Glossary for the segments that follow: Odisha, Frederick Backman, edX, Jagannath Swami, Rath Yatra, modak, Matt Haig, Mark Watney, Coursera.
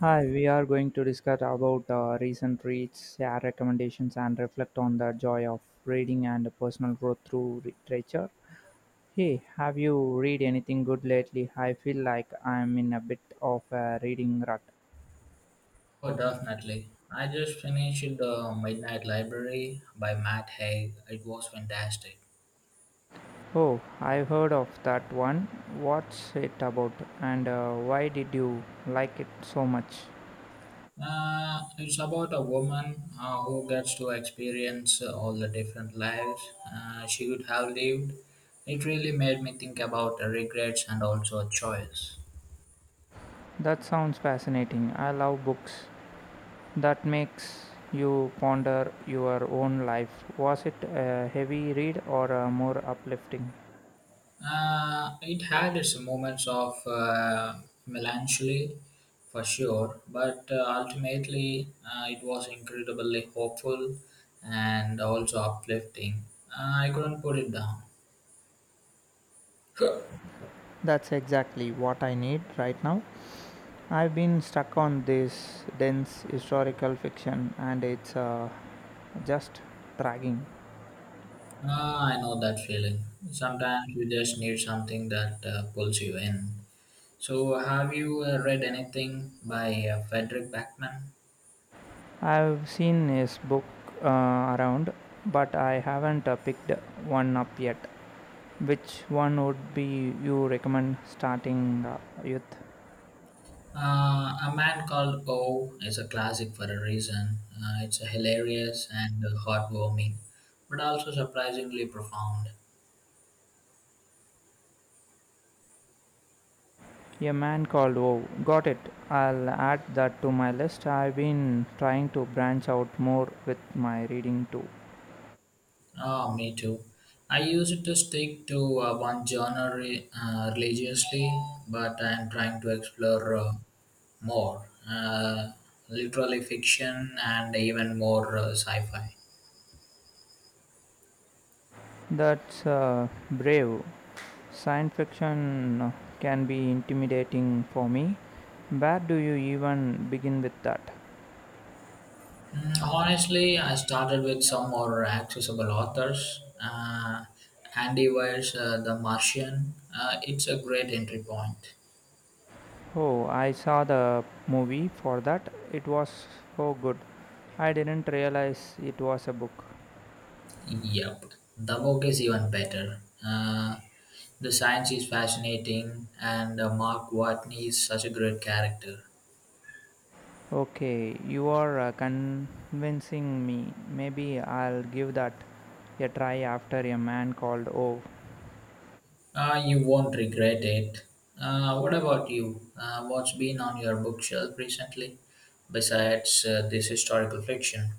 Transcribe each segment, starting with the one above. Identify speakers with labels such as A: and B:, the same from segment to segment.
A: Hi, we are going to discuss about recent reads, share recommendations, and reflect on the joy of reading and personal growth through literature. Hey, have you read anything good lately? I feel like I'm in a bit of a reading rut.
B: Oh, definitely. I just finished The Midnight Library by Matt Haig. It was fantastic.
A: Oh, I've heard of that one. What's it about, and why did you like it so much?
B: It's about a woman who gets to experience all the different lives she would have lived. It really made me think about regrets and also choice.
A: That sounds fascinating. I love books that makes you ponder your own life. Was it a heavy read or a more uplifting?
B: It had its moments of melancholy for sure, but ultimately it was incredibly hopeful and also uplifting. I couldn't put it down.
A: That's exactly what I need right now. I've been stuck on this dense historical fiction and it's just dragging.
B: I know that feeling. Sometimes you just need something that pulls you in. So, have you read anything by Frederick Backman?
A: I've seen his book around, but I haven't picked one up yet. Which one would be you recommend starting with?
B: A man called O is a classic for a reason. It's hilarious and heartwarming, but also surprisingly profound.
A: A man called Oh, got it. I'll add that to my list. I've been trying to branch out more with my reading too.
B: Oh, me too. I used to stick to one genre religiously, but I'm trying to explore more, uh, literally fiction and even more sci-fi.
A: That's brave. Science fiction can be intimidating for me. Where do you even begin with that?
B: Mm, honestly, I started with some more accessible authors. Andy Weir's The Martian. It's a great entry point.
A: Oh, I saw the movie for that. It was so good. I didn't realize it was a book.
B: Yep. The book is even better. The science is fascinating, and Mark Watney is such a great character.
A: Okay, you are convincing me. Maybe I'll give that a try after a man called Ove.
B: You won't regret it. What about you? What's been on your bookshelf recently, besides this historical fiction?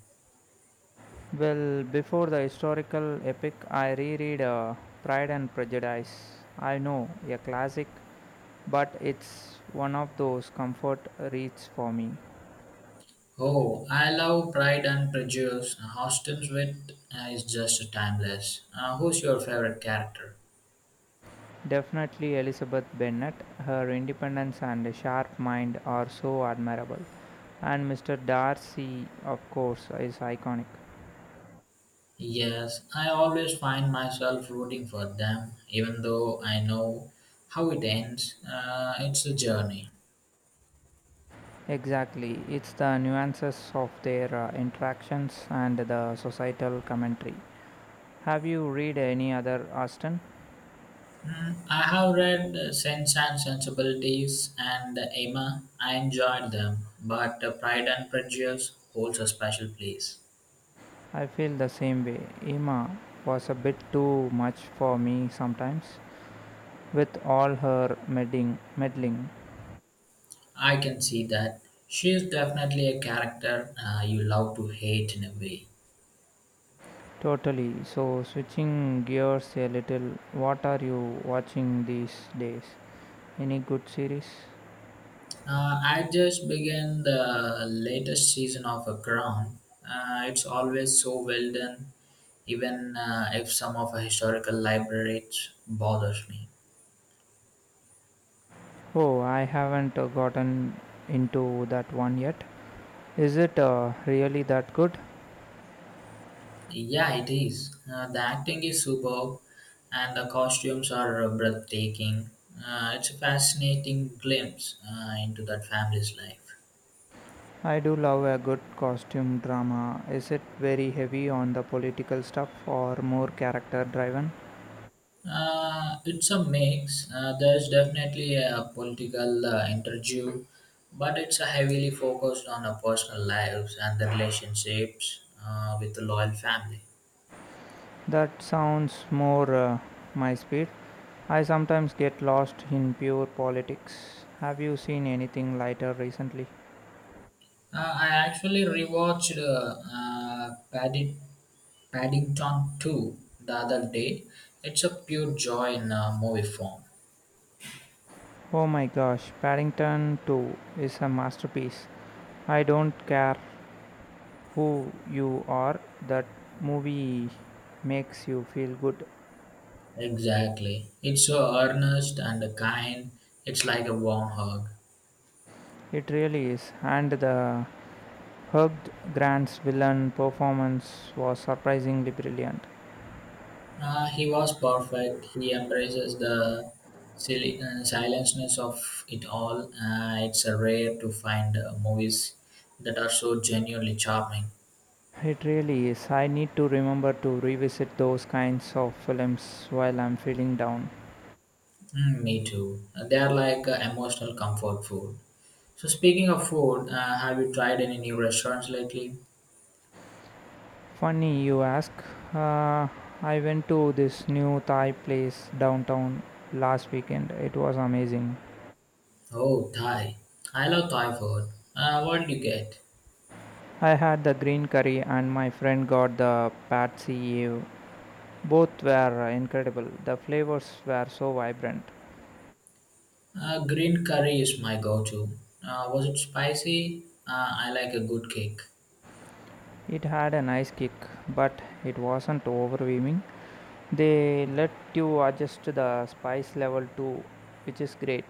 A: Well, before the historical epic, I reread Pride and Prejudice. I know, a classic, but it's one of those comfort reads for me.
B: Oh, I love Pride and Prejudice. Austen's wit is just timeless. Who's your favorite character?
A: Definitely Elizabeth Bennet, her independence and sharp mind are so admirable. And Mr. Darcy, of course, is iconic.
B: Yes, I always find myself rooting for them, even though I know how it ends. It's a journey.
A: Exactly, it's the nuances of their interactions and the societal commentary. Have you read any other Austen?
B: Mm, I have read Sense and Sensibilities and Emma. I enjoyed them, but Pride and Prejudice holds a special place.
A: I feel the same way. Emma was a bit too much for me sometimes, with all her meddling.
B: I can see that. She is definitely a character you love to hate in a way.
A: Totally. So, switching gears a little, what are you watching these days? Any good series?
B: I just began the latest season of A Crown. It's always so well done, even if some of the historical libraries bothers me.
A: Oh, I haven't gotten into that one yet. Is it really that good?
B: Yeah, it is. The acting is superb, and the costumes are breathtaking. It's a fascinating glimpse into that family's life.
A: I do love a good costume drama. Is it very heavy on the political stuff or more character driven?
B: It's a mix. There's definitely a political interview, but it's a heavily focused on our personal lives and the relationships with the loyal family.
A: That sounds more my speed. I sometimes get lost in pure politics. Have you seen anything lighter recently?
B: I actually rewatched Paddington 2 the other day. It's a pure joy in movie form.
A: Oh my gosh, Paddington 2 is a masterpiece. I don't care who you are, that movie makes you feel good.
B: Exactly. It's so earnest and kind. It's like a warm hug.
A: It really is. And the Hugh Grant's villain performance was surprisingly brilliant.
B: He was perfect. He embraces the silly, silentness of it all. It's rare to find movies that are so genuinely charming.
A: It really is. I need to remember to revisit those kinds of films while I'm feeling down.
B: Mm, me too. They are like emotional comfort food. So, speaking of food, have you tried any new restaurants lately?
A: Funny you ask. Uh, I went to this new Thai place downtown last weekend. It was amazing.
B: Oh, Thai. I love Thai food. What do you get?
A: I had the green curry and my friend got the pad see ew. Both were incredible. The flavors were so vibrant.
B: Green curry is my go to. Was it spicy? I like a good kick.
A: It had a nice kick, but it wasn't overwhelming. They let you adjust the spice level too, which is great.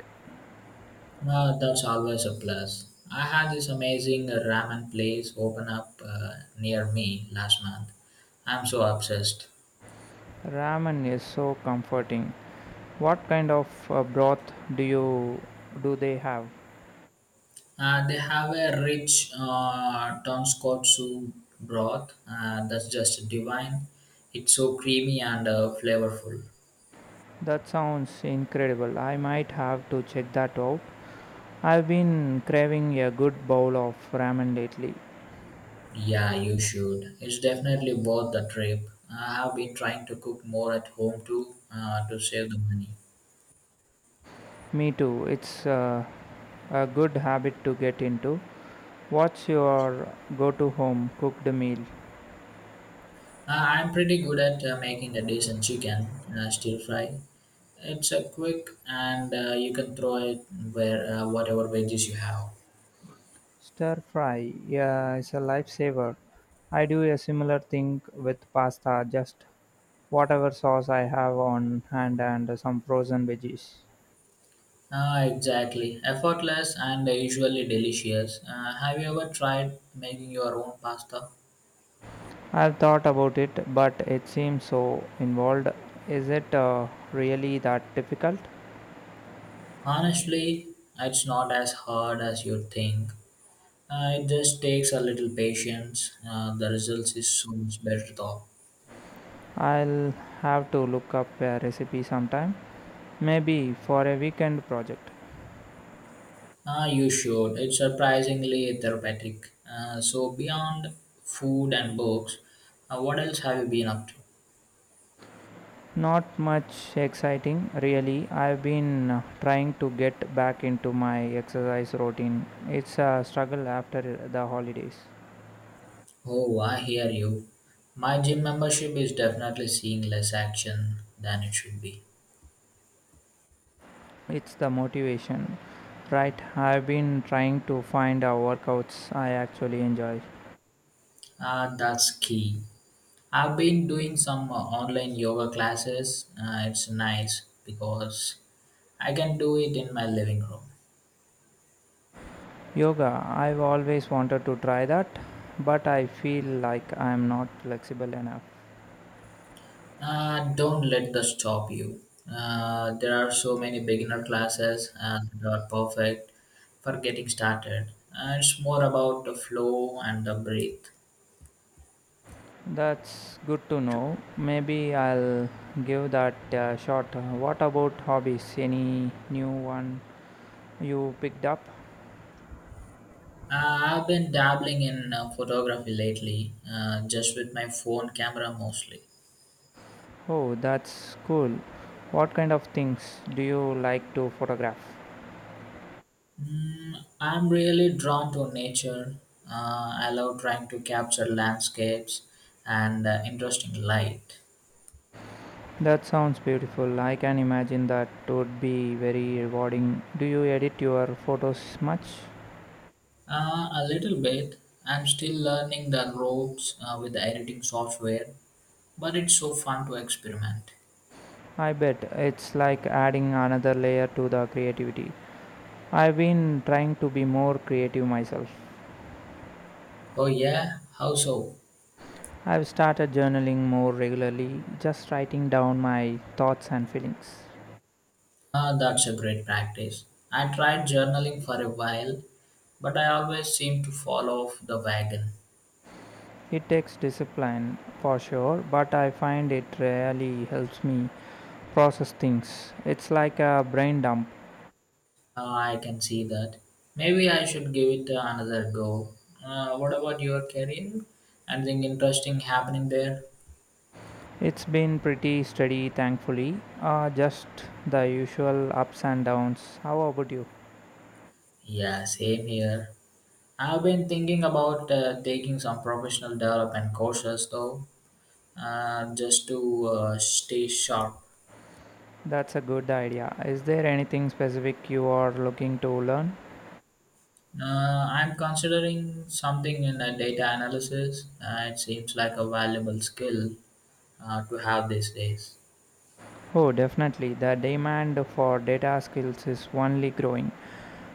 B: That's always a plus. I had this amazing ramen place open up near me last month. I'm so obsessed.
A: Ramen is so comforting. What kind of broth do you do they have?
B: They have a rich tonkotsu broth that's just divine. It's so creamy and flavorful.
A: That sounds incredible. I might have to check that out. I've been craving a good bowl of ramen lately.
B: Yeah, you should. It's definitely worth the trip. I have been trying to cook more at home too to save the money.
A: Me too. It's a good habit to get into. What's your go to home cooked meal?
B: I'm pretty good at making a decent chicken stir fry. It's a quick and you can throw it where whatever veggies you have.
A: Stir fry, yeah, it's a lifesaver. I do a similar thing with pasta, just whatever sauce I have on hand and some frozen veggies.
B: Ah, exactly, effortless and usually delicious. Have you ever tried making your own pasta?
A: I've thought about it, but it seems so involved. Is it really that difficult?
B: Honestly, it's not as hard as you think. It just takes a little patience. The results is so much better though.
A: I'll have to look up a recipe sometime, maybe for a weekend project.
B: Ah, you should. It's surprisingly therapeutic. So, beyond food and books, what else have you been up to?
A: Not much exciting, really. I've been trying to get back into my exercise routine. It's a struggle after the holidays.
B: Oh, I hear you. My gym membership is definitely seeing less action than it should be.
A: It's the motivation, right? I've been trying to find workouts I actually enjoy.
B: Ah, that's key. I've been doing some online yoga classes. It's nice because I can do it in my living room.
A: Yoga, I've always wanted to try that, but I feel like I'm not flexible enough.
B: Don't let that stop you. There are so many beginner classes and they are perfect for getting started. It's more about the flow and the breath.
A: That's good to know. Maybe I'll give that a shot. What about hobbies? Any new one? You picked up?
B: I've been dabbling in photography lately, just with my phone camera mostly.
A: Oh, that's cool. What kind of things do you like to photograph?
B: Mm, I'm really drawn to nature. I love trying to capture landscapes and interesting light.
A: That sounds beautiful. I can imagine that would be very rewarding. Do you edit your photos much?
B: A little bit. I'm still learning the ropes with the editing software, but it's so fun to experiment.
A: I bet it's like adding another layer to the creativity. I've been trying to be more creative myself.
B: Oh, yeah? How so?
A: I've started journaling more regularly, just writing down my thoughts and feelings.
B: Ah, that's a great practice. I tried journaling for a while, but I always seem to fall off the wagon.
A: It takes discipline for sure, but I find it really helps me process things. It's like a brain dump.
B: Ah, I can see that. Maybe I should give it another go. What about your career? Anything interesting happening there?
A: It's been pretty steady, thankfully. Just the usual ups and downs. How about you?
B: Yeah, same here. I've been thinking about taking some professional development courses though, just to stay sharp.
A: That's a good idea. Is there anything specific you are looking to learn?
B: I'm considering something in data analysis. It seems like a valuable skill to have these days.
A: Oh, definitely. The demand for data skills is only growing.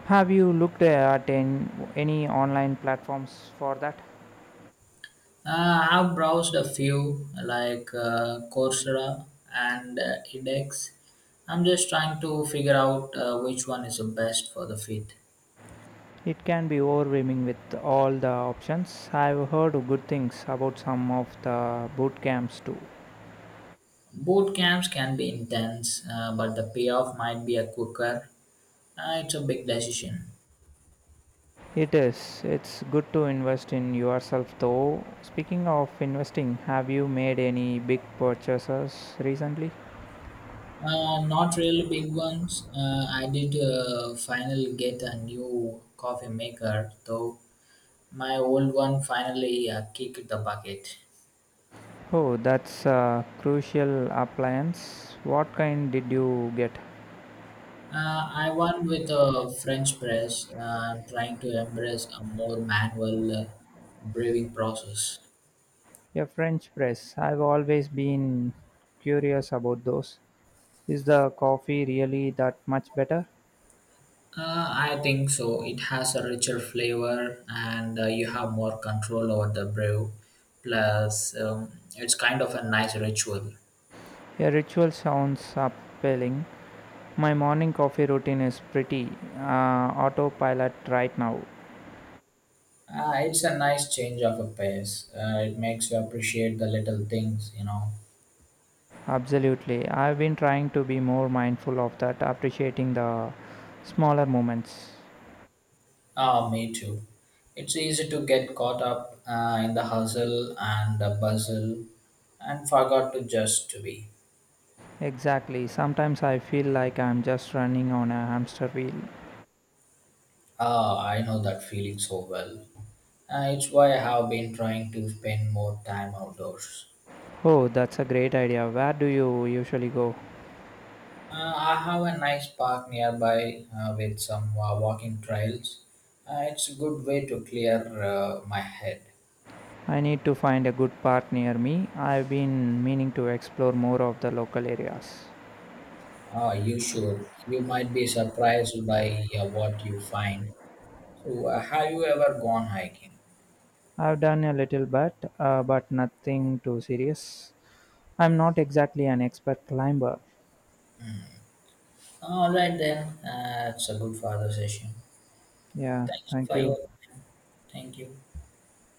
A: Have you looked at any online platforms for that?
B: I've browsed a few like Coursera and edX. I'm just trying to figure out which one is the best for the fit.
A: It can be overwhelming with all the options. I've heard good things about some of the boot camps too.
B: Boot camps can be intense, but the payoff might be a quicker. It's a big decision.
A: It is. It's good to invest in yourself though. Speaking of investing, have you made any big purchases recently?
B: Not really big ones. I did finally get a new coffee maker, though my old one finally kicked the bucket.
A: Oh, that's a crucial appliance. What kind did you get?
B: I won with a French press, trying to embrace a more manual brewing process.
A: A French press. I've always been curious about those. Is the coffee really that much better?
B: I think so. It has a richer flavor, and you have more control over the brew. Plus, it's kind of a nice ritual.
A: A ritual sounds appealing. My morning coffee routine is pretty autopilot right now.
B: It's a nice change of a pace. It makes you appreciate the little things.
A: Absolutely. I've been trying to be more mindful of that, appreciating the smaller moments.
B: Ah, me too. It's easy to get caught up in the hustle and the bustle and forgot to just to be.
A: Exactly. Sometimes I feel like I'm just running on a hamster wheel.
B: Ah, I know that feeling so well. It's why I have been trying to spend more time outdoors.
A: Oh, that's a great idea. Where do you usually go?
B: I have a nice park nearby with some walking trails. It's a good way to clear my head.
A: I need to find a good park near me. I've been meaning to explore more of the local areas.
B: You should. You might be surprised by what you find. So, have you ever gone hiking?
A: I've done a little bit, but nothing too serious. I'm not exactly an expert climber.
B: All right then. It's a good father session.
A: Yeah,
B: Thank you
A: thank
B: for
A: you.
B: your. Thank you.